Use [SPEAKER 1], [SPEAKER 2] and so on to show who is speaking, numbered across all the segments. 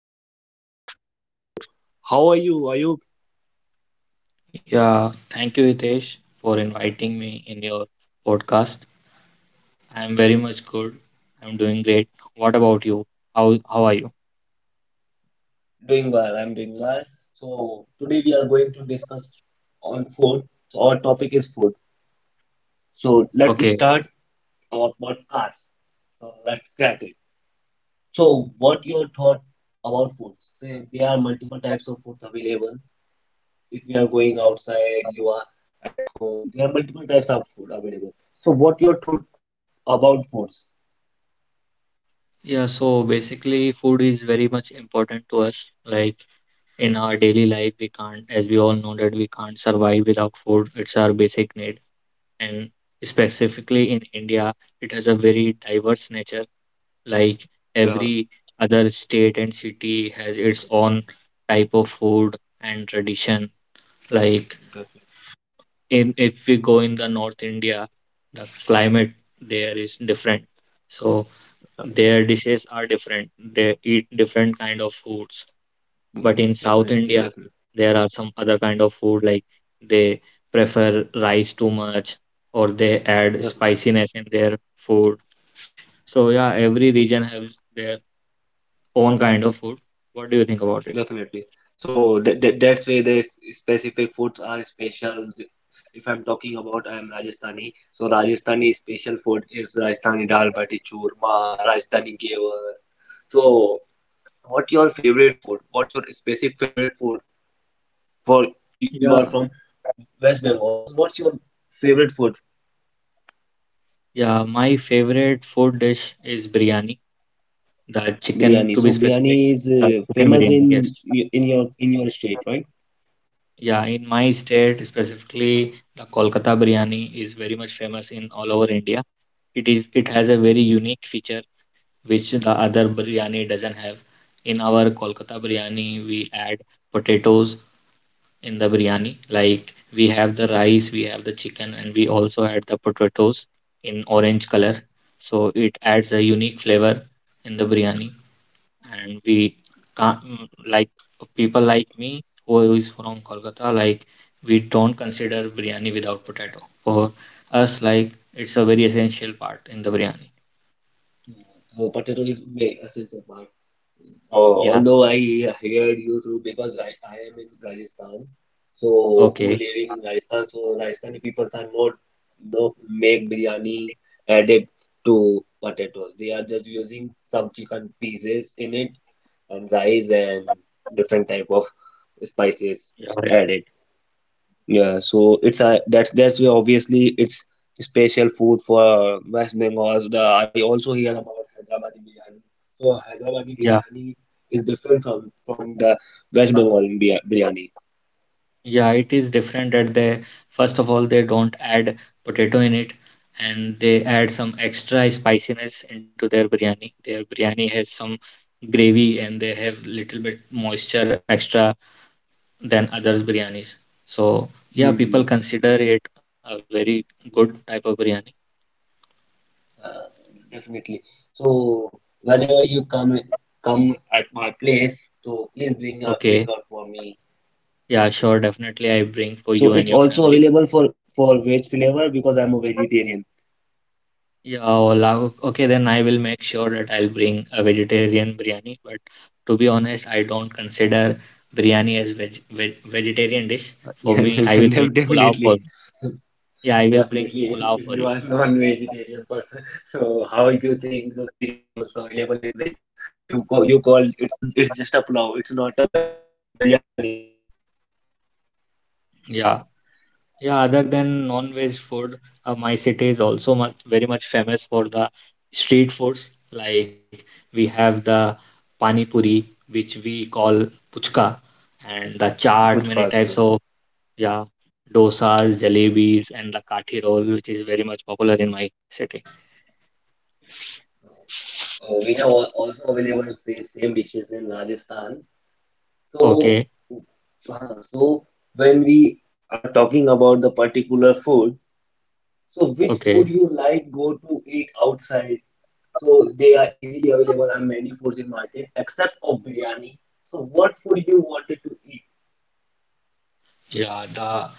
[SPEAKER 1] today's guest is Mr. Ayub. How are you, Ayub?
[SPEAKER 2] Yeah, Thank you, Hitesh, for inviting me in your podcast. I'm very much good. I'm doing great. What about you? How are you?
[SPEAKER 1] Doing well, I'm doing well. So today we are going to discuss on food. So our topic is food. So let's
[SPEAKER 2] Okay.
[SPEAKER 1] start our podcast. So let's crack it. So what your thought about food? Say there are multiple types of food available. If you are going outside, you are at home. There are multiple types of food available. So what your thought about foods?
[SPEAKER 2] Yeah, so basically food is very much important to us. Like in our daily life, we can't, as we all know that we can't survive without food. It's our basic need. And specifically in India, it has a very diverse nature. Like
[SPEAKER 1] Yeah,
[SPEAKER 2] every other state and city has its own type of food and tradition. Like
[SPEAKER 1] definitely.
[SPEAKER 2] in if we go in the North India, the climate there is different. So their dishes are different. They eat different kind of foods. But in
[SPEAKER 1] Mm,
[SPEAKER 2] South India,
[SPEAKER 1] definitely, definitely,
[SPEAKER 2] there are some other kind of food like they prefer rice too much or they add
[SPEAKER 1] definitely,
[SPEAKER 2] spiciness in their food. So yeah, every
[SPEAKER 1] yeah,
[SPEAKER 2] region has their own kind of food. What do you think about it?
[SPEAKER 1] definitely. So that's why the specific foods are special. If I'm talking about I'm Rajasthani, so Rajasthani special food is Rajasthani dal bati churma, Rajasthani gewar. So what your favorite food? What's your specific favorite food? For you, you are
[SPEAKER 2] Yeah,
[SPEAKER 1] from West Bengal, so what's your favorite food?
[SPEAKER 2] yeah, my favorite food dish is biryani. The chicken,
[SPEAKER 1] Biryani.
[SPEAKER 2] to
[SPEAKER 1] So
[SPEAKER 2] be
[SPEAKER 1] biryani
[SPEAKER 2] specific,
[SPEAKER 1] is
[SPEAKER 2] the chicken
[SPEAKER 1] famous
[SPEAKER 2] biryani,
[SPEAKER 1] in
[SPEAKER 2] yes.
[SPEAKER 1] in your state, right?
[SPEAKER 2] Yeah, in my state specifically, the Kolkata biryani is very much famous in all over India. It has a very unique feature which the other biryani doesn't have. In our Kolkata biryani, we add potatoes in the biryani. Like we have the rice, we have the chicken, and we also add the potatoes in orange color. So it adds a unique flavor in the biryani. And we can't mm, like people like me who is from Kolkata, like, we don't consider biryani without potato for us, like it's a very essential part in the biryani.
[SPEAKER 1] Oh, potato is big, part. Oh,
[SPEAKER 2] Yeah.
[SPEAKER 1] although I heard you through because I am in Rajasthan, so who
[SPEAKER 2] Okay.
[SPEAKER 1] live in Rajasthan, so Rajasthani people are not make biryani added to potatoes. They are just using some chicken pieces in it and rice and different type of spices
[SPEAKER 2] Yeah, yeah,
[SPEAKER 1] added. Yeah, so it's a that's why obviously it's special food for West Bengal. The I also hear about Hyderabadi biryani. So Hyderabadi
[SPEAKER 2] yeah.
[SPEAKER 1] biryani is different from the West Bengal biryani.
[SPEAKER 2] Yeah, it is different that they first of all they don't add potato in it, and they add some extra spiciness into their biryani. Has some gravy and they have little bit moisture extra than others biryanis. So yeah,
[SPEAKER 1] Mm.
[SPEAKER 2] people consider it a very good type of biryani.
[SPEAKER 1] Uh, Definitely. So whenever you come at my place, so please bring
[SPEAKER 2] Okay,
[SPEAKER 1] out for me.
[SPEAKER 2] yeah, sure, definitely I bring for
[SPEAKER 1] So
[SPEAKER 2] you and
[SPEAKER 1] it's
[SPEAKER 2] your
[SPEAKER 1] also
[SPEAKER 2] family.
[SPEAKER 1] available for veg flavor because I'm a vegetarian.
[SPEAKER 2] Okay, then I will make sure that I'll bring a vegetarian biryani. But to be honest, I don't consider biryani as vegetarian dish.
[SPEAKER 1] Yeah,
[SPEAKER 2] For me, I will bring
[SPEAKER 1] def-
[SPEAKER 2] pulao for
[SPEAKER 1] definitely.
[SPEAKER 2] Yeah, I will bring
[SPEAKER 1] Definitely, if,
[SPEAKER 2] pulao
[SPEAKER 1] if
[SPEAKER 2] for
[SPEAKER 1] you
[SPEAKER 2] you.
[SPEAKER 1] are non-vegetarian person, so how you think the biryani also available in veg? You call it's just a pulao. It's not a veg biryani.
[SPEAKER 2] Yeah. Yeah, other than non-veg food, my city is also very much famous for the street foods. Like we have the pani puri, which we call puchka, and the chaat, many
[SPEAKER 1] Puchka, so.
[SPEAKER 2] types of, yeah, dosas, jalebis, and the kathi roll, which is very much popular in my city.
[SPEAKER 1] We have also available same dishes in Rajasthan. So,
[SPEAKER 2] Okay,
[SPEAKER 1] so, when we are talking about the particular food, so which food
[SPEAKER 2] okay.
[SPEAKER 1] you like go to eat outside? So they are easily available on many foods in market except of biryani. So what food you wanted to
[SPEAKER 2] Yeah, the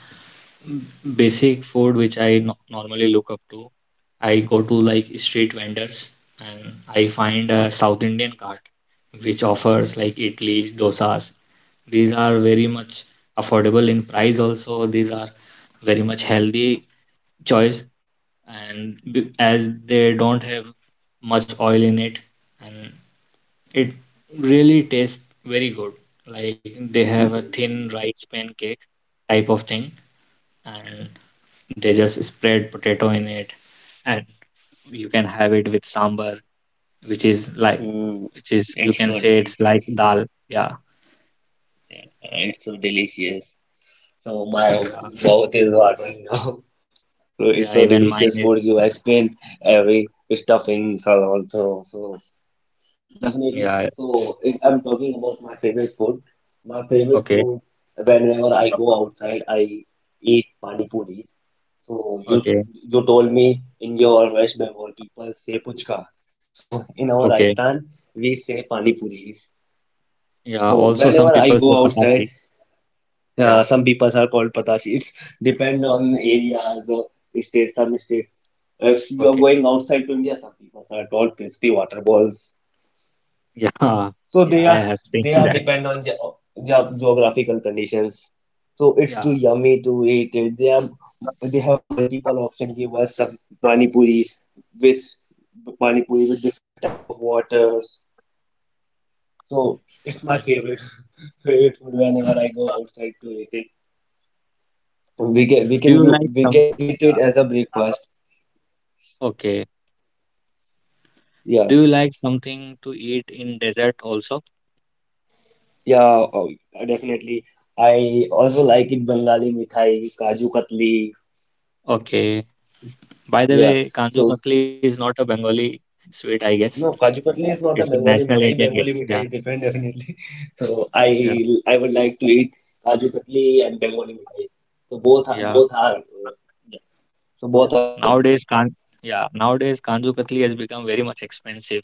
[SPEAKER 2] basic food which I normally look up to. I go to like street vendors and I find a South Indian cart which offers like idlis, dosas. These are very much affordable in price also. These are very much healthy choice and as they don't have much oil in it and it really tastes very good. Like they have
[SPEAKER 1] eat?
[SPEAKER 2] a thin rice pancake type of thing and they just spread potato in it, and you can have it with sambar, which is like,
[SPEAKER 1] Mm,
[SPEAKER 2] which is you
[SPEAKER 1] it's
[SPEAKER 2] can
[SPEAKER 1] so
[SPEAKER 2] say it's like
[SPEAKER 1] delicious.
[SPEAKER 2] dal. Yeah,
[SPEAKER 1] Yeah, it's so delicious. So my
[SPEAKER 2] yeah,
[SPEAKER 1] mouth is watering now. So it's
[SPEAKER 2] yeah.
[SPEAKER 1] so
[SPEAKER 2] Even mine
[SPEAKER 1] delicious
[SPEAKER 2] is
[SPEAKER 1] for you. Explain, every stuffings are also so. Definitely.
[SPEAKER 2] yeah.
[SPEAKER 1] So if I'm talking about my favorite
[SPEAKER 2] Okay,
[SPEAKER 1] food whenever I go outside, I eat pani puris. So you
[SPEAKER 2] okay,
[SPEAKER 1] you told me in your West Bengal people say puchka. So in our
[SPEAKER 2] okay.
[SPEAKER 1] Rajasthan we say pani puris.
[SPEAKER 2] Yeah.
[SPEAKER 1] So
[SPEAKER 2] Also, some
[SPEAKER 1] whenever I
[SPEAKER 2] people say
[SPEAKER 1] go outside,
[SPEAKER 2] patasi. Yeah.
[SPEAKER 1] some people are called patashi. It's depend on areas or states. Some states, if you are
[SPEAKER 2] Okay.
[SPEAKER 1] going outside to India, some people are called crispy water balls.
[SPEAKER 2] Yeah.
[SPEAKER 1] So they
[SPEAKER 2] Yeah. I
[SPEAKER 1] are
[SPEAKER 2] have seen
[SPEAKER 1] they are
[SPEAKER 2] that.
[SPEAKER 1] depend on geographical conditions. So it's too
[SPEAKER 2] Yeah.
[SPEAKER 1] yummy to eat it. They have multiple option. Give us some pani puri with pani puri with different type of waters. So it's
[SPEAKER 2] Yeah.
[SPEAKER 1] my favorite favorite food whenever I go outside to eat it. We can we
[SPEAKER 2] Do
[SPEAKER 1] can
[SPEAKER 2] you
[SPEAKER 1] you
[SPEAKER 2] like
[SPEAKER 1] we
[SPEAKER 2] some?
[SPEAKER 1] can eat it
[SPEAKER 2] Yeah.
[SPEAKER 1] as a breakfast.
[SPEAKER 2] Okay.
[SPEAKER 1] Yeah,
[SPEAKER 2] Do you like something to eat in desert also?
[SPEAKER 1] yeah, oh, definitely. I also like it Bengali mithai, kaju katli.
[SPEAKER 2] Okay. By the
[SPEAKER 1] Yeah,
[SPEAKER 2] way, Kandu
[SPEAKER 1] so.
[SPEAKER 2] Kakli is not a Bengali sweet, I guess.
[SPEAKER 1] No, Kaju Katli is
[SPEAKER 2] It's a
[SPEAKER 1] not a Bengali
[SPEAKER 2] national Indian
[SPEAKER 1] mithai.
[SPEAKER 2] guess.
[SPEAKER 1] Bengali
[SPEAKER 2] Yeah,
[SPEAKER 1] mithai is different, definitely. So
[SPEAKER 2] yeah,
[SPEAKER 1] I would like to eat Kaju Katli and Bengali mithai. So both are,
[SPEAKER 2] yeah.
[SPEAKER 1] both are yeah. So
[SPEAKER 2] Yeah.
[SPEAKER 1] both are good.
[SPEAKER 2] Nowadays, can Yeah, nowadays Kanju Kakli has become very much expensive.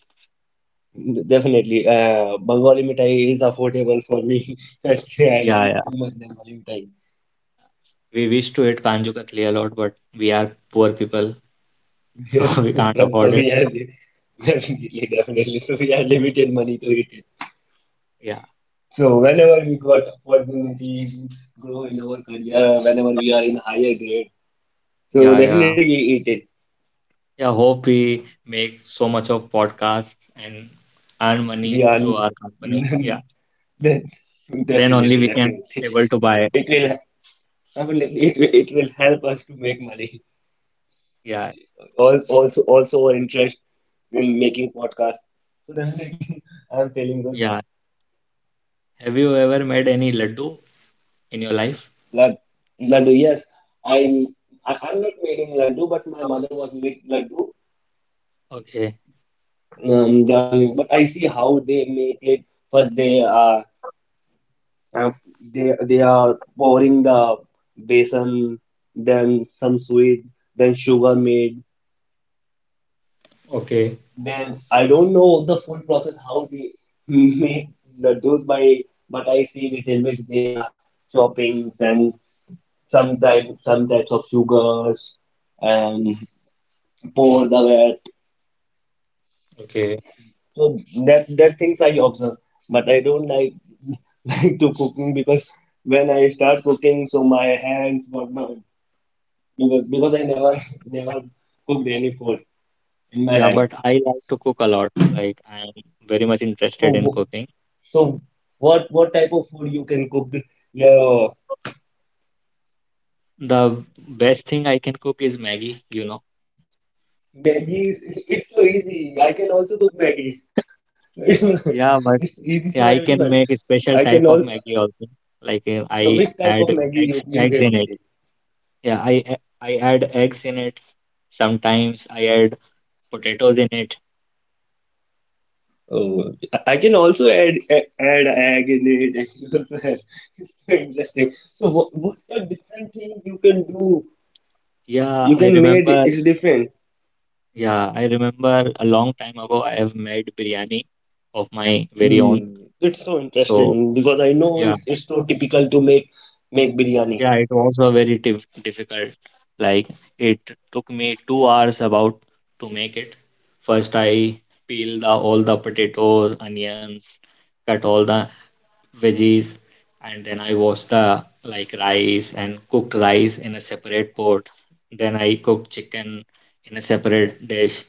[SPEAKER 1] Definitely, Bengali mithai is affordable for me. Let's say I
[SPEAKER 2] Yeah,
[SPEAKER 1] eat
[SPEAKER 2] yeah.
[SPEAKER 1] too much Bengali mithai.
[SPEAKER 2] We wish to eat Kanju Katli a lot, but we are poor people, so
[SPEAKER 1] Yeah,
[SPEAKER 2] we can't
[SPEAKER 1] because
[SPEAKER 2] afford
[SPEAKER 1] so
[SPEAKER 2] it.
[SPEAKER 1] we have definitely, definitely. So we have limited money to eat it.
[SPEAKER 2] Yeah,
[SPEAKER 1] So whenever we got opportunities, grow in our
[SPEAKER 2] yeah,
[SPEAKER 1] career, whenever we are in higher grade. So
[SPEAKER 2] yeah, yeah.
[SPEAKER 1] definitely we eat it.
[SPEAKER 2] Yeah, hope we make so much of podcasts and earn
[SPEAKER 1] We
[SPEAKER 2] money
[SPEAKER 1] are
[SPEAKER 2] through our company. Yeah,
[SPEAKER 1] then
[SPEAKER 2] then only
[SPEAKER 1] definitely,
[SPEAKER 2] we can
[SPEAKER 1] definitely.
[SPEAKER 2] able to buy.
[SPEAKER 1] It will I mean, it will help us to make money.
[SPEAKER 2] Yeah,
[SPEAKER 1] Also, our interest in making podcasts. So definitely, I'm feeling good.
[SPEAKER 2] yeah. Have you ever made any laddu in your life?
[SPEAKER 1] Lad, laddu, yes, I'm. I'm not making laddu, but my mother was making laddu.
[SPEAKER 2] Okay.
[SPEAKER 1] But I see how they make it. First, they Uh, are pouring the besan, then some sweet, then sugar made.
[SPEAKER 2] Okay,
[SPEAKER 1] Then I don't know the full process how they make laddus by, but I see it in which they are choppings and some types of sugars and pour the wet.
[SPEAKER 2] okay.
[SPEAKER 1] So that things I observe, but I don't like like to cooking because when I start cooking, so my hands, what my because I never never cooked any food in my
[SPEAKER 2] Yeah,
[SPEAKER 1] life.
[SPEAKER 2] but I like to cook a lot. Like I am very much
[SPEAKER 1] So
[SPEAKER 2] interested in cooking.
[SPEAKER 1] so what type of food you can cook? Yeah,
[SPEAKER 2] The best thing I can cook is Maggie, you know.
[SPEAKER 1] Maggie is, it's so easy. I can also cook Maggie. So it's,
[SPEAKER 2] Yeah, but
[SPEAKER 1] it's easy
[SPEAKER 2] yeah,
[SPEAKER 1] for
[SPEAKER 2] I can
[SPEAKER 1] everyone.
[SPEAKER 2] make a special
[SPEAKER 1] I
[SPEAKER 2] type
[SPEAKER 1] can
[SPEAKER 2] of
[SPEAKER 1] all.
[SPEAKER 2] Maggie also. Like
[SPEAKER 1] So
[SPEAKER 2] I
[SPEAKER 1] which type
[SPEAKER 2] add
[SPEAKER 1] of Maggie you
[SPEAKER 2] eggs
[SPEAKER 1] you
[SPEAKER 2] in it.
[SPEAKER 1] can cook?
[SPEAKER 2] I add eggs in it. Sometimes I add potatoes in it.
[SPEAKER 1] Oh, I can also add add egg in it. I can also add. It's so interesting. So what's the different thing you can do?
[SPEAKER 2] Yeah,
[SPEAKER 1] You
[SPEAKER 2] I
[SPEAKER 1] can made
[SPEAKER 2] remember.
[SPEAKER 1] it's different.
[SPEAKER 2] Yeah, I remember a long time ago I have made biryani of my very own.
[SPEAKER 1] It's so
[SPEAKER 2] So
[SPEAKER 1] interesting because I know
[SPEAKER 2] yeah,
[SPEAKER 1] it's so typical to make biryani.
[SPEAKER 2] yeah, it was a very difficult. Like it took me 2 hours about to make it. First, I peel the all the potatoes, onions, cut all the veggies, and then I wash the like rice and cooked rice in a separate pot. Then I cooked chicken in a separate dish,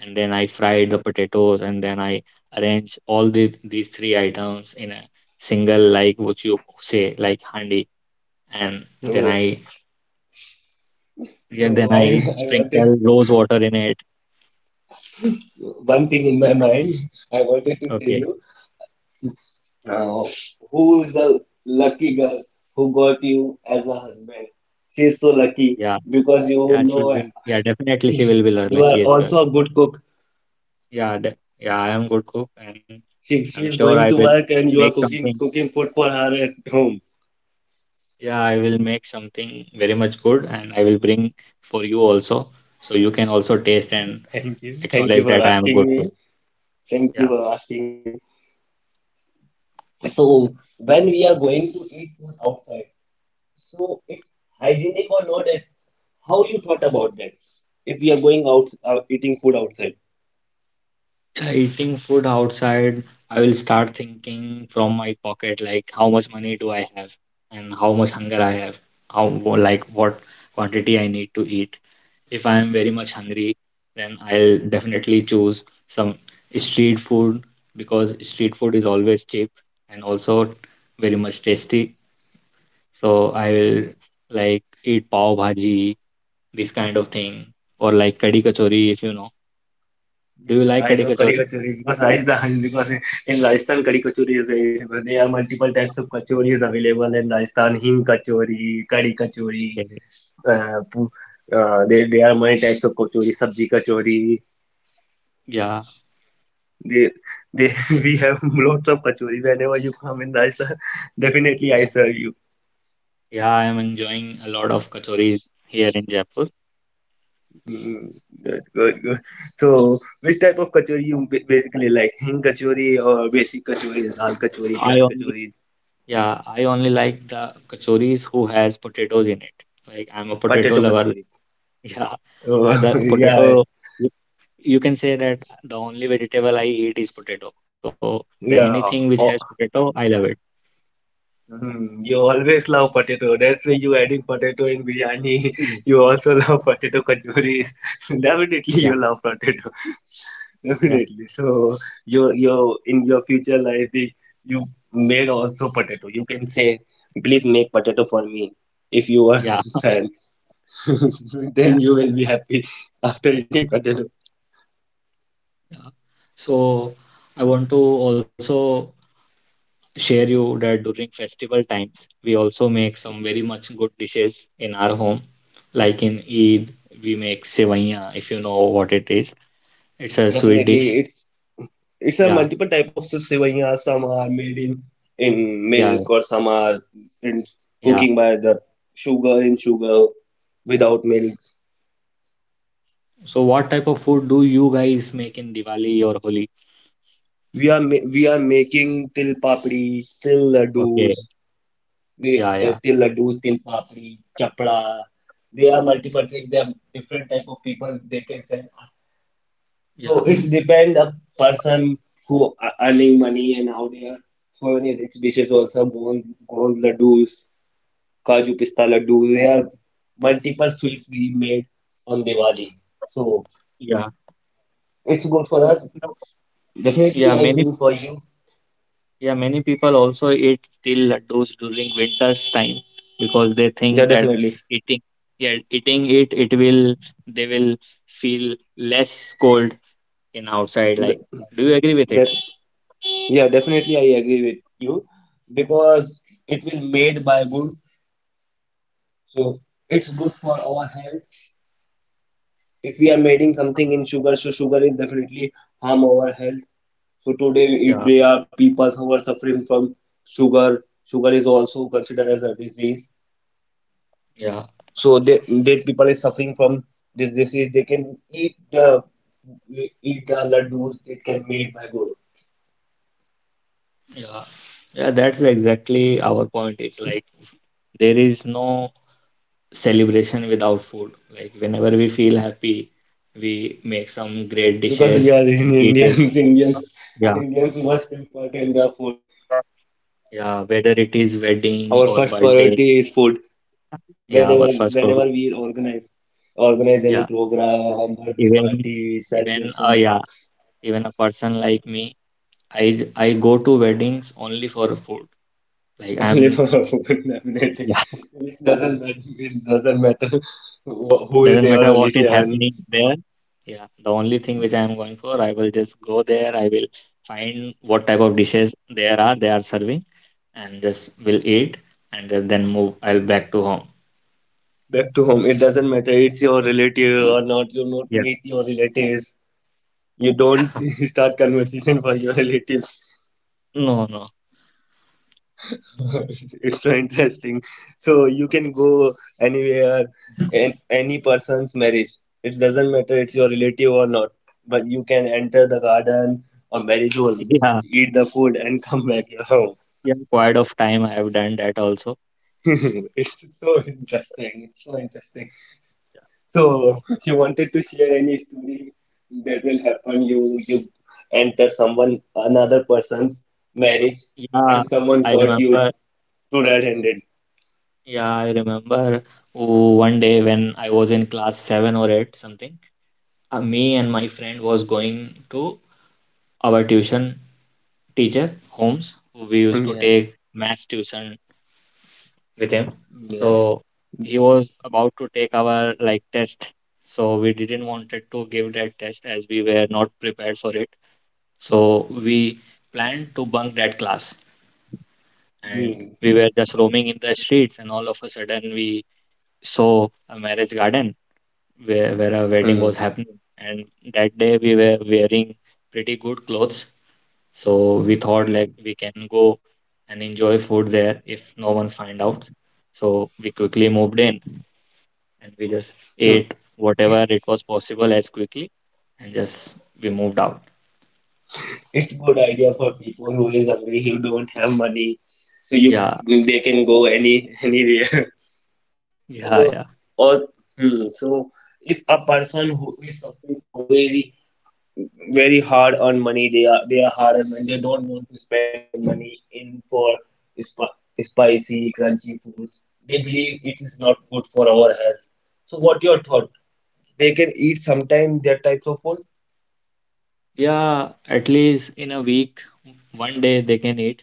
[SPEAKER 2] and then I fried the potatoes, and then I arranged these three items in a single, like what you say, like handi, and then
[SPEAKER 1] So,
[SPEAKER 2] I yeah, then
[SPEAKER 1] so, I
[SPEAKER 2] I
[SPEAKER 1] I wanted
[SPEAKER 2] sprinkle rose water in it.
[SPEAKER 1] one thing in my mind. I wanted to say
[SPEAKER 2] Okay.
[SPEAKER 1] you, uh, who is the lucky girl who got you as a husband? She's so lucky
[SPEAKER 2] Yeah.
[SPEAKER 1] because
[SPEAKER 2] Yeah, she will. Yeah, definitely she will be lear-
[SPEAKER 1] you
[SPEAKER 2] like,
[SPEAKER 1] are
[SPEAKER 2] yes, girl.
[SPEAKER 1] also a good cook.
[SPEAKER 2] Yeah, de yeah, I am good cook and
[SPEAKER 1] She
[SPEAKER 2] I'm
[SPEAKER 1] she is
[SPEAKER 2] sure I
[SPEAKER 1] going to
[SPEAKER 2] will
[SPEAKER 1] work and you
[SPEAKER 2] make
[SPEAKER 1] are
[SPEAKER 2] something.
[SPEAKER 1] cooking food for her at home.
[SPEAKER 2] Yeah, I will make something very much good and I will bring for you also. So you can also taste and
[SPEAKER 1] Thank you
[SPEAKER 2] acknowledge
[SPEAKER 1] for
[SPEAKER 2] that I am
[SPEAKER 1] asking
[SPEAKER 2] good
[SPEAKER 1] me.
[SPEAKER 2] cook.
[SPEAKER 1] Thank you
[SPEAKER 2] Yeah.
[SPEAKER 1] for asking me. So when we are going to eat food outside, so it's hygienic or not as how you thought about that? If we are going out eating food outside.
[SPEAKER 2] Yeah, eating food outside, I will start thinking from my pocket, like how much money do I have and how much hunger I have, like what quantity I need to eat. If I am very much hungry, then I'll definitely choose some street food because street food is always cheap and also very much tasty. So I will like eat pav bhaji, this kind of thing, or like kadhi kachori if you know. Do you
[SPEAKER 1] Yeah,
[SPEAKER 2] like
[SPEAKER 1] I
[SPEAKER 2] kadhi
[SPEAKER 1] know curry
[SPEAKER 2] kachori?
[SPEAKER 1] kachori because in Rajasthan curry kachori is very famous. There are multiple types of kachori is available in Rajasthan. Hing kachori, curry kachori.
[SPEAKER 2] Okay.
[SPEAKER 1] Uh, pu- there are many types of kachori. Sabji kachori.
[SPEAKER 2] Yeah.
[SPEAKER 1] They, they, we have lots of kachori. Whenever you come in Rajasthan, definitely I serve you.
[SPEAKER 2] Yeah, I am enjoying a lot of kachoris here in Jaipur.
[SPEAKER 1] Mm. Good, good, good. So, which type of kachori you basically like? Hing kachori or basic kachoris, dal kachori,
[SPEAKER 2] I
[SPEAKER 1] pyaj
[SPEAKER 2] only
[SPEAKER 1] kachoris,
[SPEAKER 2] Yeah, I only like the kachoris who has potatoes in it. Like I'm a potato
[SPEAKER 1] potato
[SPEAKER 2] lover.
[SPEAKER 1] kachoris.
[SPEAKER 2] Yeah,
[SPEAKER 1] Oh,
[SPEAKER 2] the
[SPEAKER 1] yeah,
[SPEAKER 2] potato. You, you can say that the only vegetable I eat is potato. So the
[SPEAKER 1] yeah.
[SPEAKER 2] anything which has
[SPEAKER 1] Oh,
[SPEAKER 2] potato, I love it.
[SPEAKER 1] you always love potato. That's why you adding potato in biryani.
[SPEAKER 2] Mm.
[SPEAKER 1] You also love potato kachoris. Definitely,
[SPEAKER 2] Yeah,
[SPEAKER 1] you love potato.
[SPEAKER 2] yeah,
[SPEAKER 1] Definitely. So your in your future life, you made also potato. You can say, please make potato for me. If you are
[SPEAKER 2] yeah,
[SPEAKER 1] sad,
[SPEAKER 2] yeah,
[SPEAKER 1] then you will be happy after eating potato.
[SPEAKER 2] yeah. So I want to also share you that during festival times, we also make some very much good dishes in our home. Like in Eid, we make sevaiya, if you know what it is. It's a sweet dish.
[SPEAKER 1] Definitely, it's a
[SPEAKER 2] Yeah,
[SPEAKER 1] multiple type of sevaiya. Some are made in
[SPEAKER 2] yeah,
[SPEAKER 1] milk, or some are in
[SPEAKER 2] yeah.
[SPEAKER 1] cooking by the sugar in sugar without milk.
[SPEAKER 2] So what type of food do you guys make in Diwali or Holi?
[SPEAKER 1] We are making til papdi, til
[SPEAKER 2] Okay,
[SPEAKER 1] laddus.
[SPEAKER 2] yeah,
[SPEAKER 1] They
[SPEAKER 2] yeah,
[SPEAKER 1] till laddus, till papri, chapda. There are multiple things. There are different type of people they can send. So
[SPEAKER 2] yeah,
[SPEAKER 1] it's depend a person who are earning money and how they are. So many rich dishes also gond laddus, kaju pista laddu. There are multiple sweets we made on Diwali. So
[SPEAKER 2] yeah.
[SPEAKER 1] it's good for us.
[SPEAKER 2] No,
[SPEAKER 1] Definitely,
[SPEAKER 2] yeah,
[SPEAKER 1] I
[SPEAKER 2] many.
[SPEAKER 1] will for you.
[SPEAKER 2] Yeah, many people also eat til laddus during winter's time because they
[SPEAKER 1] Yeah,
[SPEAKER 2] think that
[SPEAKER 1] definitely.
[SPEAKER 2] eating, yeah, eating it, will, they will feel less cold in outside. Like,
[SPEAKER 1] Th-
[SPEAKER 2] do you agree with it?
[SPEAKER 1] That Yeah, definitely I agree with you because it will made by good, so it's good for our health. If we are making something in sugar, so sugar is definitely harm our health. So today if
[SPEAKER 2] Yeah,
[SPEAKER 1] there are people who are suffering from sugar. Sugar is also considered as a disease.
[SPEAKER 2] yeah,
[SPEAKER 1] So they people is suffering from this disease. They can eat the laddus. It can made by good
[SPEAKER 2] yeah, yeah. That's exactly our point. It's like there is no celebration without food. Like, whenever we feel happy, we make some great
[SPEAKER 1] because we
[SPEAKER 2] dishes
[SPEAKER 1] are in
[SPEAKER 2] and eat it.
[SPEAKER 1] Indians.
[SPEAKER 2] Yeah.
[SPEAKER 1] Indians must important the food.
[SPEAKER 2] Yeah, whether it is wedding
[SPEAKER 1] Our
[SPEAKER 2] or
[SPEAKER 1] first
[SPEAKER 2] birthday.
[SPEAKER 1] priority is food.
[SPEAKER 2] Yeah,
[SPEAKER 1] Whenever
[SPEAKER 2] our first
[SPEAKER 1] whenever
[SPEAKER 2] problem.
[SPEAKER 1] we organize any
[SPEAKER 2] Yeah,
[SPEAKER 1] program, birthday
[SPEAKER 2] even
[SPEAKER 1] party,
[SPEAKER 2] even
[SPEAKER 1] celebrations.
[SPEAKER 2] yeah, even a person like me, I go to weddings only for food. Like
[SPEAKER 1] Only for
[SPEAKER 2] I'm,
[SPEAKER 1] our food, definitely.
[SPEAKER 2] yeah,
[SPEAKER 1] It doesn't matter. It doesn't matter who is
[SPEAKER 2] doesn't
[SPEAKER 1] your
[SPEAKER 2] matter what is
[SPEAKER 1] relation.
[SPEAKER 2] happening there. Yeah, the only thing which I am going for, I will just go there. I will find what type of dishes there are they are serving, and just will eat, and then move. I'll back to home.
[SPEAKER 1] Back to home. It doesn't matter. It's your relative or not. You not
[SPEAKER 2] Yeah,
[SPEAKER 1] meet your relatives. You
[SPEAKER 2] yeah.
[SPEAKER 1] don't start conversation for your relatives.
[SPEAKER 2] No, no.
[SPEAKER 1] It's so interesting. So you
[SPEAKER 2] Okay.
[SPEAKER 1] can go anywhere, in any person's marriage. It doesn't matter it's your relative or not, but you can enter the garden or marriage hall,
[SPEAKER 2] Yeah,
[SPEAKER 1] eat the food, and come back your home.
[SPEAKER 2] yeah. Quite of time I have done that also.
[SPEAKER 1] It's so interesting. It's so interesting. So you wanted to share any story that will happen? You enter someone another person's marriage,
[SPEAKER 2] Yeah,
[SPEAKER 1] and someone
[SPEAKER 2] I
[SPEAKER 1] caught you
[SPEAKER 2] remember.
[SPEAKER 1] two red-handed.
[SPEAKER 2] Yeah, I remember, oh, one day when I was in class seven or eight, something, me and my friend was going to our tuition teacher, Holmes, who we used to
[SPEAKER 1] Yeah,
[SPEAKER 2] take maths tuition with him.
[SPEAKER 1] yeah.
[SPEAKER 2] So he was about to take our like test. So we didn't wanted to give that test as we were not prepared for it. So we planned to bunk that class and
[SPEAKER 1] Hmm.
[SPEAKER 2] we were just roaming in the streets and all of a sudden we saw a marriage garden where a wedding was
[SPEAKER 1] Mm.
[SPEAKER 2] happening, and that day we were wearing pretty good clothes, so we thought like
[SPEAKER 1] Mm,
[SPEAKER 2] we can go and enjoy food there if no one find out. So we quickly moved in and we just
[SPEAKER 1] So
[SPEAKER 2] ate whatever it was possible as quickly, and just we moved out.
[SPEAKER 1] it's good idea for people who is hungry, who don't have money. So you
[SPEAKER 2] Yeah,
[SPEAKER 1] they can go any anywhere.
[SPEAKER 2] yeah. Yeah,
[SPEAKER 1] So, or so, if a person who is suffering for very hard earned money, they are hard earned money. They don't want to spend their money in for sp- spicy, crunchy foods. They believe it is not good for our health. So what your thought? They can eat sometime that types of food.
[SPEAKER 2] yeah, at least in a week one day they can eat,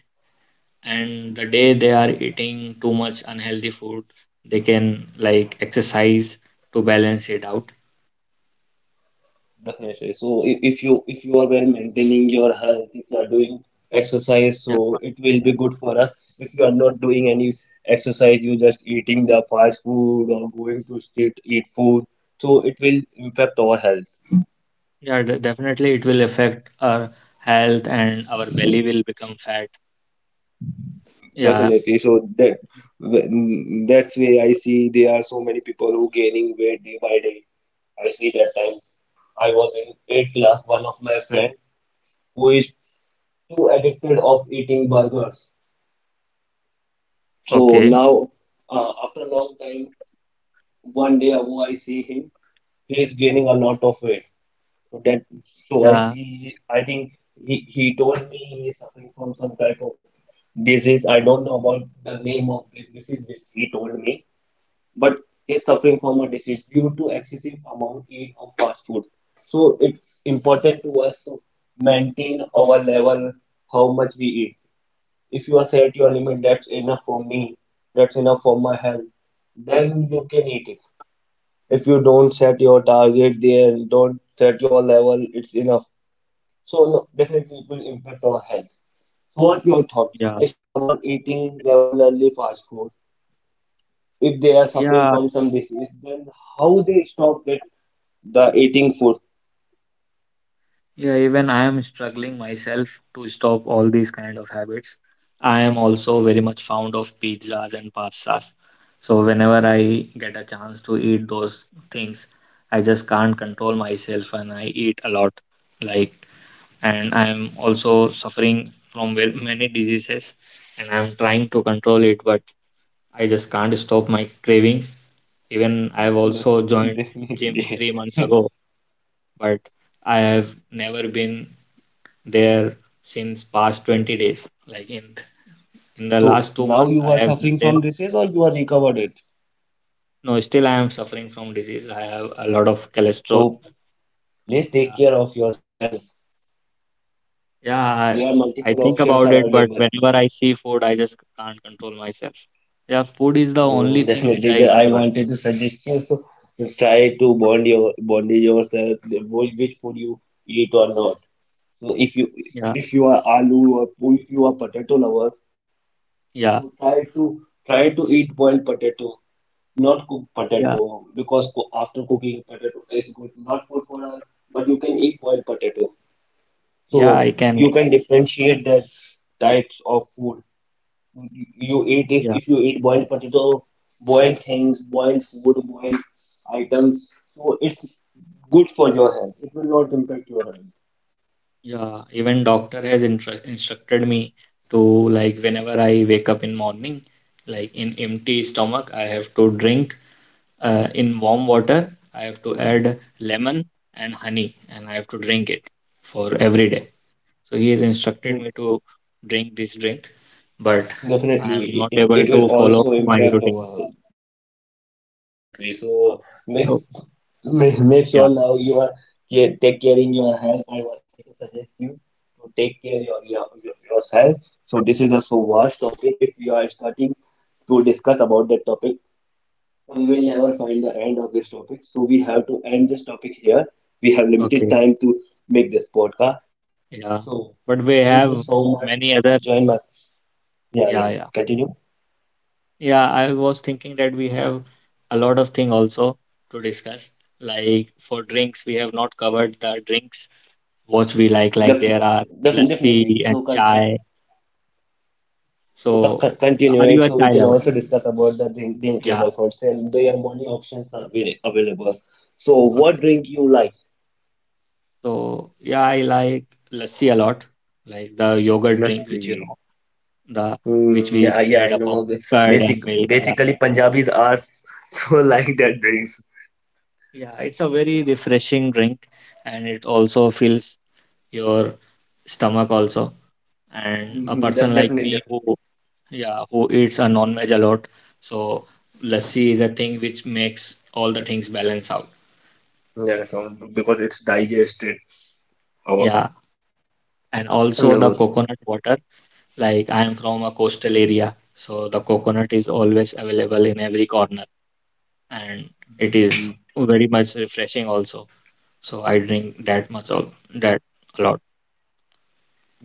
[SPEAKER 2] and the day they are eating too much unhealthy food they can like exercise to balance it out.
[SPEAKER 1] Definitely. So if you are well maintaining your health, if you are doing exercise,
[SPEAKER 2] Yeah,
[SPEAKER 1] so it will be good for us. If you are not doing any exercise, you just eating the fast food or going to street eat food, so it will impact our health.
[SPEAKER 2] yeah, definitely it will affect our health and our belly will become fat. Yeah.
[SPEAKER 1] Definitely. So that's why I see there are so many people who gaining weight day by day. I see that time. I was in eighth class, one of my friend who is too addicted of eating burgers. So
[SPEAKER 2] Okay.
[SPEAKER 1] now, after a long time, one day ago I see him. He is gaining a lot of weight. So that, so I
[SPEAKER 2] Yeah,
[SPEAKER 1] see. I think he told me he is suffering from some type of disease. I don't know about the name of the disease which he told me, but he is suffering from a disease due to excessive amount eat of fast food. So it's important to us to maintain our level, how much we eat. If you are set your limit, that's enough for me, that's enough for my health, then you can eat it. If you don't set your target there, don't set your level, it's enough. So no, definitely it will impact our health. So what your thought
[SPEAKER 2] yeah,
[SPEAKER 1] if someone eating regularly fast food, if they are suffering
[SPEAKER 2] yeah.
[SPEAKER 1] from some disease, then how they stop that, the eating food?
[SPEAKER 2] Yeah, even I am struggling myself to stop all these kind of habits. I am also very much fond of pizzas and pastas. So whenever I get a chance to eat those things, I just can't control myself and I eat a lot. Like, and I am also suffering from very many diseases and I'm trying to control it, but I just can't stop my cravings. Even I've also joined gym
[SPEAKER 1] Definitely.
[SPEAKER 2] 3 months ago, but I have never been there since past 20 days. Like in the
[SPEAKER 1] So
[SPEAKER 2] last two
[SPEAKER 1] now
[SPEAKER 2] months,
[SPEAKER 1] you
[SPEAKER 2] I
[SPEAKER 1] are
[SPEAKER 2] have been
[SPEAKER 1] suffering
[SPEAKER 2] there.
[SPEAKER 1] from disease or you are recovered it?
[SPEAKER 2] No, still I am suffering from disease. I have a lot of cholesterol.
[SPEAKER 1] So please take
[SPEAKER 2] Yeah,
[SPEAKER 1] care of yourself.
[SPEAKER 2] yeah. I,
[SPEAKER 1] Yeah,
[SPEAKER 2] I
[SPEAKER 1] multiple
[SPEAKER 2] think
[SPEAKER 1] options
[SPEAKER 2] about
[SPEAKER 1] are
[SPEAKER 2] it, but
[SPEAKER 1] available.
[SPEAKER 2] whenever I see food, I just can't control myself. Yeah, food is the only
[SPEAKER 1] Mm,
[SPEAKER 2] thing which
[SPEAKER 1] definitely,
[SPEAKER 2] I
[SPEAKER 1] I
[SPEAKER 2] enjoy.
[SPEAKER 1] wanted to suggest you. So try to bond yourself, which food you eat or not. So
[SPEAKER 2] Yeah,
[SPEAKER 1] if you are aloo or if you are potato lover,
[SPEAKER 2] yeah,
[SPEAKER 1] so try to eat boiled potato, not cooked
[SPEAKER 2] yeah,
[SPEAKER 1] potato, because co after cooking potato is good not good for us, but you can eat boiled potato.
[SPEAKER 2] yeah.
[SPEAKER 1] So
[SPEAKER 2] I can.
[SPEAKER 1] you can differentiate the types of food you eat. If,
[SPEAKER 2] Yeah,
[SPEAKER 1] you eat boiled potato, boiled things, boiled food, boiled items, so it's good for your health. It will not impact your health.
[SPEAKER 2] yeah. Even doctor has instructed me to, like, whenever I wake up in morning, like in empty stomach, I have to drink in warm water. I have to add lemon and honey, and I have to drink it for every day. So he has instructed
[SPEAKER 1] Mm,
[SPEAKER 2] me to drink this drink, but I am
[SPEAKER 1] definitely,
[SPEAKER 2] not
[SPEAKER 1] it, it,
[SPEAKER 2] able
[SPEAKER 1] it will
[SPEAKER 2] to follow
[SPEAKER 1] also
[SPEAKER 2] my
[SPEAKER 1] impact our
[SPEAKER 2] routine.
[SPEAKER 1] health.
[SPEAKER 2] Yeah.
[SPEAKER 1] Definitely. So make,
[SPEAKER 2] Oh,
[SPEAKER 1] make
[SPEAKER 2] yeah.
[SPEAKER 1] sure now you are take care in your health. I wanted to suggest you to take care yourself. So this is a so vast topic. If you are starting to discuss about that topic, we will never find the end of this topic. So we have to end this topic here. We have limited
[SPEAKER 2] Okay.
[SPEAKER 1] time to make this podcast.
[SPEAKER 2] Yeah.
[SPEAKER 1] So
[SPEAKER 2] But we
[SPEAKER 1] thank you
[SPEAKER 2] have
[SPEAKER 1] so much
[SPEAKER 2] many
[SPEAKER 1] to
[SPEAKER 2] other.
[SPEAKER 1] join my. Yeah,
[SPEAKER 2] Yeah.
[SPEAKER 1] yeah,
[SPEAKER 2] Yeah.
[SPEAKER 1] continue.
[SPEAKER 2] Yeah, I was thinking that we have a lot of thing also to discuss. Like for drinks, we have not covered the drinks what we like. Like
[SPEAKER 1] Def-
[SPEAKER 2] there are
[SPEAKER 1] Definitely.
[SPEAKER 2] lassi and
[SPEAKER 1] So
[SPEAKER 2] chai. So, are
[SPEAKER 1] continue
[SPEAKER 2] you a
[SPEAKER 1] it. So
[SPEAKER 2] chai
[SPEAKER 1] we can
[SPEAKER 2] lover?
[SPEAKER 1] also discuss about the
[SPEAKER 2] Yeah.
[SPEAKER 1] drinkable foods and their many options are available. So what
[SPEAKER 2] Okay.
[SPEAKER 1] drink you like?
[SPEAKER 2] So, yeah, I like lassi a lot, like the yogurt
[SPEAKER 1] Let's
[SPEAKER 2] drink, which you
[SPEAKER 1] see.
[SPEAKER 2] know, the
[SPEAKER 1] Hmm,
[SPEAKER 2] which
[SPEAKER 1] yeah,
[SPEAKER 2] is
[SPEAKER 1] yeah, I
[SPEAKER 2] made up of
[SPEAKER 1] know.
[SPEAKER 2] curd
[SPEAKER 1] Basic,
[SPEAKER 2] and milk. Yeah.
[SPEAKER 1] basically, Punjabis are so like that drinks.
[SPEAKER 2] Yeah, it's a very refreshing drink, and it also fills your stomach also. And a
[SPEAKER 1] Mhm,
[SPEAKER 2] person like
[SPEAKER 1] definitely,
[SPEAKER 2] me
[SPEAKER 1] definitely.
[SPEAKER 2] who, yeah, who eats a non-veg a lot, so lassi is a thing which makes all the things balance out.
[SPEAKER 1] Yeah, so because it's digested. Our.
[SPEAKER 2] Yeah, and
[SPEAKER 1] No
[SPEAKER 2] also the
[SPEAKER 1] good.
[SPEAKER 2] coconut water. Like I am from a coastal area, so the coconut is always available in every corner and it
[SPEAKER 1] Mm,
[SPEAKER 2] is very much refreshing also. So I drink that much all that a lot.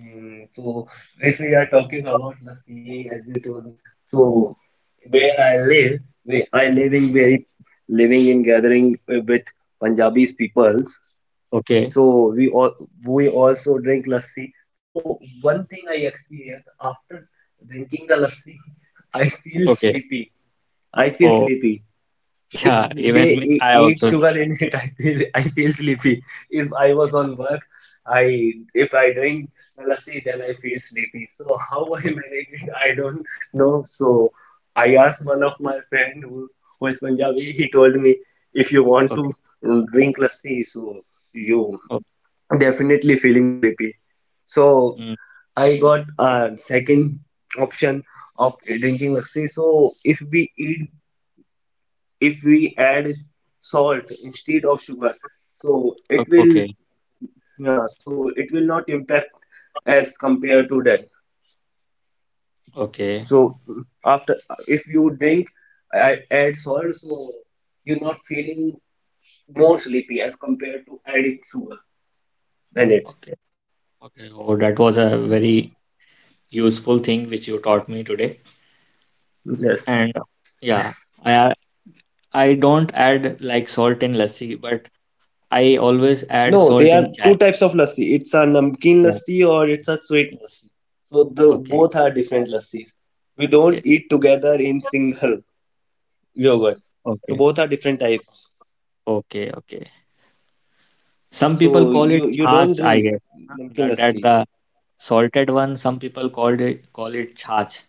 [SPEAKER 1] So, if we are talking about the sea as we told, so where I live, where I living very living in gathering with Punjabis people.
[SPEAKER 2] Okay,
[SPEAKER 1] So we all we also drink lassi. So one thing I experienced after drinking the lassi, I feel
[SPEAKER 2] okay.
[SPEAKER 1] sleepy. I feel
[SPEAKER 2] Oh
[SPEAKER 1] sleepy. If
[SPEAKER 2] yeah, even
[SPEAKER 1] they
[SPEAKER 2] me, I
[SPEAKER 1] eat
[SPEAKER 2] also
[SPEAKER 1] sugar in it, I feel sleepy. If I was on
[SPEAKER 2] yeah,
[SPEAKER 1] work, I if I drink lassi, then I feel sleepy. So how I manage it, I don't know. So I asked one of my friend who is Punjabi. He told me, if you want to
[SPEAKER 2] okay.
[SPEAKER 1] drink lassi, so you
[SPEAKER 2] Oh,
[SPEAKER 1] definitely feeling sleepy. So
[SPEAKER 2] mm,
[SPEAKER 1] I got a second option of drinking lassi. So if we eat if we add salt instead of sugar, so it will.
[SPEAKER 2] okay,
[SPEAKER 1] Yeah, so it will not impact as compared to that.
[SPEAKER 2] okay,
[SPEAKER 1] So after, if you drink, I add salt, so you're not feeling more sleepy as compared to adding sugar in it.
[SPEAKER 2] okay, okay. Oh, that was a very useful thing which you taught me today.
[SPEAKER 1] Yes.
[SPEAKER 2] And yeah, I I don't add like salt in lassi, but I always add
[SPEAKER 1] No,
[SPEAKER 2] salt
[SPEAKER 1] there are
[SPEAKER 2] in chai.
[SPEAKER 1] two types of lassi. It's a namkeen
[SPEAKER 2] Yeah.
[SPEAKER 1] lassi or it's a sweet lassi. So the
[SPEAKER 2] Okay.
[SPEAKER 1] both are different lassis. We don't
[SPEAKER 2] Okay.
[SPEAKER 1] eat together in single yogurt. So
[SPEAKER 2] Okay.
[SPEAKER 1] both are different types.
[SPEAKER 2] Okay. Okay. Some people
[SPEAKER 1] So
[SPEAKER 2] call
[SPEAKER 1] you
[SPEAKER 2] it
[SPEAKER 1] you don't
[SPEAKER 2] chach, I
[SPEAKER 1] drink
[SPEAKER 2] guess. Huh?
[SPEAKER 1] namkeen
[SPEAKER 2] That
[SPEAKER 1] lassi.
[SPEAKER 2] the salted one. Some people call it chach.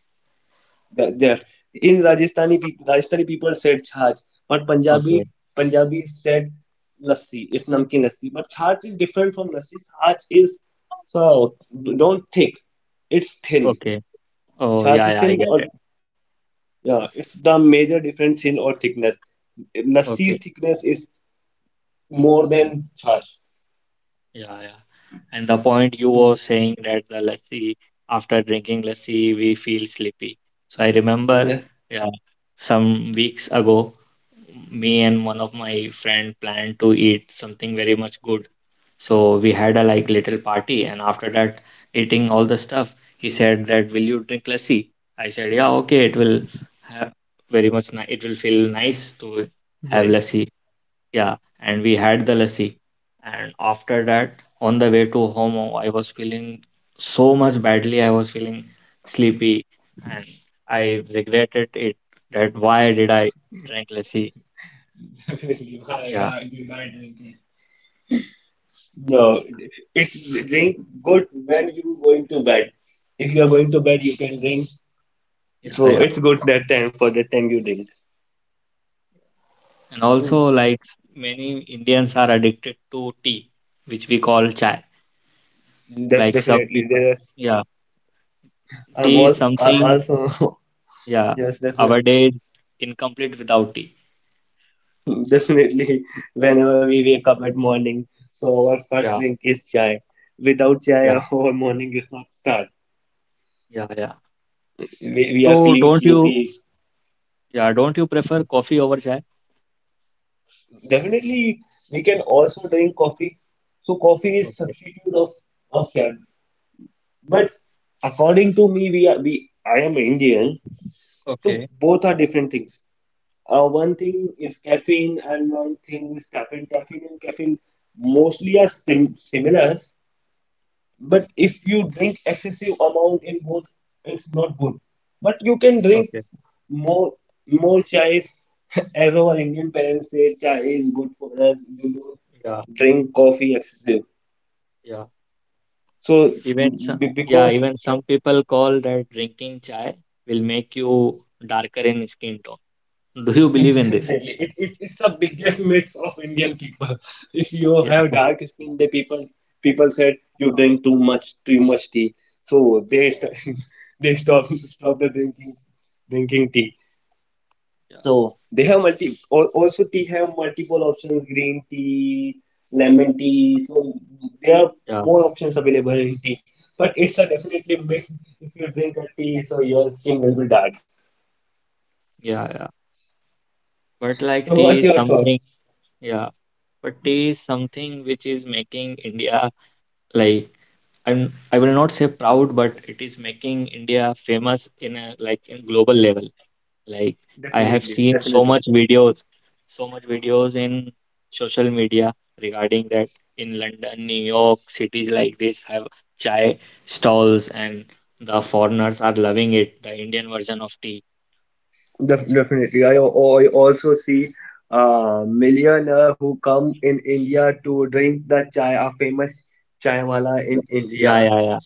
[SPEAKER 1] There, in Rajasthani people said chhach, but
[SPEAKER 2] Okay.
[SPEAKER 1] Punjabi said lassi. It's namkeen lassi, but chhach is different from lassi. Chhach is so don't thick. It's thin.
[SPEAKER 2] Okay. Oh
[SPEAKER 1] Chhach
[SPEAKER 2] yeah,
[SPEAKER 1] is
[SPEAKER 2] yeah. I
[SPEAKER 1] thin
[SPEAKER 2] get
[SPEAKER 1] or,
[SPEAKER 2] it.
[SPEAKER 1] yeah, it's the major difference, thin or thickness. Lassi's
[SPEAKER 2] Okay.
[SPEAKER 1] thickness is more than chhach.
[SPEAKER 2] Yeah, yeah. And the point you were
[SPEAKER 1] Mm.
[SPEAKER 2] saying that the lassi after drinking lassi we feel sleepy. So I remember,
[SPEAKER 1] Yeah,
[SPEAKER 2] yeah, some weeks ago, me and one of my friend planned to eat something very much good. So we had a like little party, and after that, eating all the stuff, he said that will you drink lassi? I said yeah, okay. It will have very much. It will feel nice to have
[SPEAKER 1] nice.
[SPEAKER 2] lassi. Yeah, and we had the lassi, and after that, on the way to home, oh, I was feeling so much badly. I was feeling sleepy, and I regretted it that why did I drink lassi? Yeah,
[SPEAKER 1] No, it's drink good when you going to bed. If you are going to bed, you can drink.
[SPEAKER 2] yeah,
[SPEAKER 1] So
[SPEAKER 2] yeah.
[SPEAKER 1] it's good that time, for that time you drink.
[SPEAKER 2] And
[SPEAKER 1] So
[SPEAKER 2] also, like many Indians are addicted to tea, which we call chai. Like some
[SPEAKER 1] definitely
[SPEAKER 2] people,
[SPEAKER 1] there.
[SPEAKER 2] yeah,
[SPEAKER 1] Are, I'm
[SPEAKER 2] tea is
[SPEAKER 1] also,
[SPEAKER 2] something,
[SPEAKER 1] also,
[SPEAKER 2] yeah,
[SPEAKER 1] yes,
[SPEAKER 2] our
[SPEAKER 1] definitely,
[SPEAKER 2] day is incomplete without tea.
[SPEAKER 1] definitely. Whenever we wake up at morning, so our first
[SPEAKER 2] Yeah,
[SPEAKER 1] drink is chai. Without chai,
[SPEAKER 2] yeah,
[SPEAKER 1] our morning is not start.
[SPEAKER 2] yeah, yeah. So,
[SPEAKER 1] We are
[SPEAKER 2] so
[SPEAKER 1] feeling
[SPEAKER 2] don't you,
[SPEAKER 1] sleepy.
[SPEAKER 2] yeah, don't you prefer coffee over chai?
[SPEAKER 1] Definitely, we can also drink coffee. So coffee is
[SPEAKER 2] Okay,
[SPEAKER 1] substitute of chai. But according to me, we are we I am Indian, so
[SPEAKER 2] okay,
[SPEAKER 1] both are different things. One thing is caffeine, and one thing is caffeine. Caffeine and caffeine mostly are similar, but if you drink excessive amount in both, it's not good. But you can drink
[SPEAKER 2] okay.
[SPEAKER 1] more more chai. As our Indian parents say, chai is good for us. You
[SPEAKER 2] Yeah,
[SPEAKER 1] don't drink coffee excessive.
[SPEAKER 2] yeah.
[SPEAKER 1] So
[SPEAKER 2] Even some,
[SPEAKER 1] because.
[SPEAKER 2] yeah, even some people call that drinking chai will make you darker in skin tone. Do you believe in this?
[SPEAKER 1] Definitely. It's the biggest myths of Indian people. If you
[SPEAKER 2] Yeah,
[SPEAKER 1] have dark skin, the people said you drink too much tea, so they they stop the drinking tea.
[SPEAKER 2] yeah,
[SPEAKER 1] So they have also tea have multiple options: green tea, lemon tea. So there are
[SPEAKER 2] yeah,
[SPEAKER 1] more options available in tea. But it's a definitely myth. If you drink a tea, so your skin will be dark.
[SPEAKER 2] yeah, yeah. But like
[SPEAKER 1] So
[SPEAKER 2] tea
[SPEAKER 1] what
[SPEAKER 2] is
[SPEAKER 1] your thought?
[SPEAKER 2] something, yeah, but tea is something which is making India like I will not say proud, but it is making India famous in a like in global level. Like I have
[SPEAKER 1] Definitely,
[SPEAKER 2] seen
[SPEAKER 1] definitely.
[SPEAKER 2] so much videos in social media regarding that in London, New York, cities like this have chai stalls and the foreigners are loving it, the Indian version of tea.
[SPEAKER 1] Definitely. I also see millionaire who come in India to drink the chai, a famous chai wala in
[SPEAKER 2] Yeah,
[SPEAKER 1] India.
[SPEAKER 2] yeah, yeah.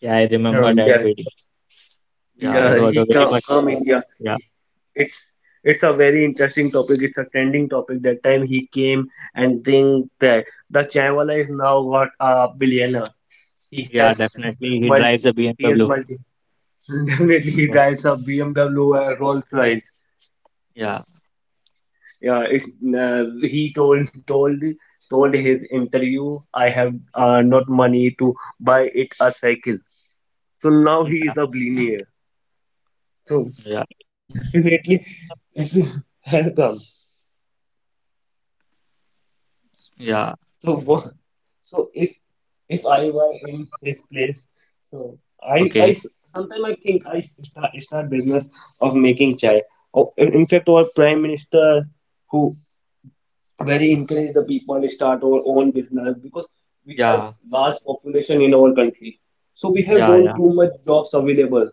[SPEAKER 2] Yeah, I remember that
[SPEAKER 1] Yeah,
[SPEAKER 2] video. Yeah, it
[SPEAKER 1] yeah,
[SPEAKER 2] was
[SPEAKER 1] he
[SPEAKER 2] a very much.
[SPEAKER 1] come India.
[SPEAKER 2] Yeah,
[SPEAKER 1] It's it's a very interesting topic. It's a trending topic. That time he came and drink that. The chai wala is now got a billionaire. He
[SPEAKER 2] yeah,
[SPEAKER 1] has
[SPEAKER 2] definitely. He
[SPEAKER 1] multi.
[SPEAKER 2] drives a
[SPEAKER 1] He has
[SPEAKER 2] BMW.
[SPEAKER 1] multi. Definitely, he
[SPEAKER 2] Yeah,
[SPEAKER 1] drives a BMW and Rolls Royce.
[SPEAKER 2] yeah,
[SPEAKER 1] Yeah, he told his interview, I have not money to buy it a cycle. So now he
[SPEAKER 2] yeah,
[SPEAKER 1] is a billionaire. So
[SPEAKER 2] yeah,
[SPEAKER 1] definitely, welcome.
[SPEAKER 2] yeah.
[SPEAKER 1] So what? So if I were in his place, so I
[SPEAKER 2] Okay.
[SPEAKER 1] sometimes I think I start business of making chai. Oh, in fact, our prime minister who where he encouraged the people to start our own business, because we have
[SPEAKER 2] Yeah,
[SPEAKER 1] large population in our country, so we have
[SPEAKER 2] yeah,
[SPEAKER 1] don't
[SPEAKER 2] yeah,
[SPEAKER 1] too much jobs available.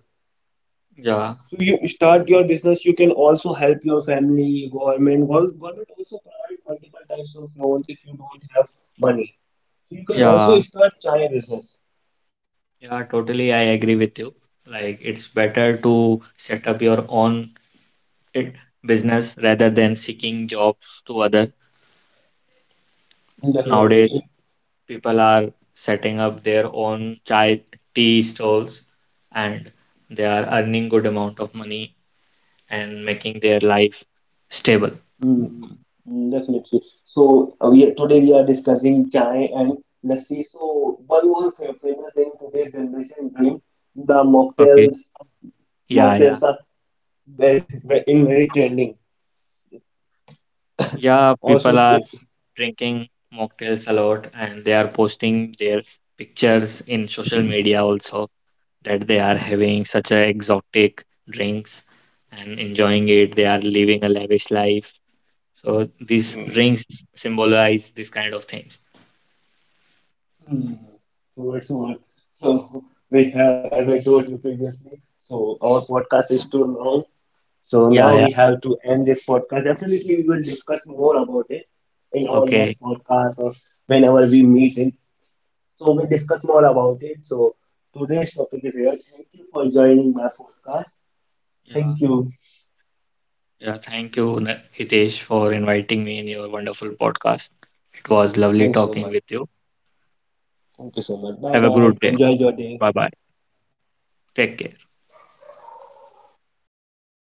[SPEAKER 2] yeah,
[SPEAKER 1] So you start your business, you can also help your family. Government, government also provide multiple types of loans if you don't have money, so you can also
[SPEAKER 2] yeah,
[SPEAKER 1] start chai business.
[SPEAKER 2] yeah. Totally, I agree with you. Like, it's better to set up your own it, business rather than seeking jobs to other. Nowadays,
[SPEAKER 1] Definitely.
[SPEAKER 2] people are setting up their own chai tea stalls, and they are earning good amount of money and making their life stable.
[SPEAKER 1] Mm, Definitely. So we today we are discussing chai and lassi. So one more famous thing today's generation drink, the
[SPEAKER 2] Okay.
[SPEAKER 1] mocktails.
[SPEAKER 2] Yeah, yeah.
[SPEAKER 1] Mocktails are very, very, in very trending.
[SPEAKER 2] Yeah,
[SPEAKER 1] Also,
[SPEAKER 2] people are drinking mocktails a lot and they are posting their pictures in social media also that they are having such a exotic drinks and enjoying it. They are living a lavish life. So these
[SPEAKER 1] mm.
[SPEAKER 2] drinks symbolize this kind of things.
[SPEAKER 1] Mm, so it's all. So we have, as I told you previously, so our podcast is too long. So
[SPEAKER 2] Yeah,
[SPEAKER 1] now
[SPEAKER 2] yeah.
[SPEAKER 1] we have to end this podcast. Definitely, we will discuss more about it in our
[SPEAKER 2] Okay.
[SPEAKER 1] next podcast or whenever we meet in. So we discuss more about it. So today's topic is here. Thank you for joining my podcast.
[SPEAKER 2] Yeah.
[SPEAKER 1] Thank you.
[SPEAKER 2] Yeah. Thank you, Hitesh, for inviting me in your wonderful podcast. It was lovely
[SPEAKER 1] Thanks so
[SPEAKER 2] talking
[SPEAKER 1] much.
[SPEAKER 2] with you.
[SPEAKER 1] Thank you so much. Bye
[SPEAKER 2] Have a
[SPEAKER 1] bye.
[SPEAKER 2] good day.
[SPEAKER 1] Enjoy your day.
[SPEAKER 2] Bye bye. Take care.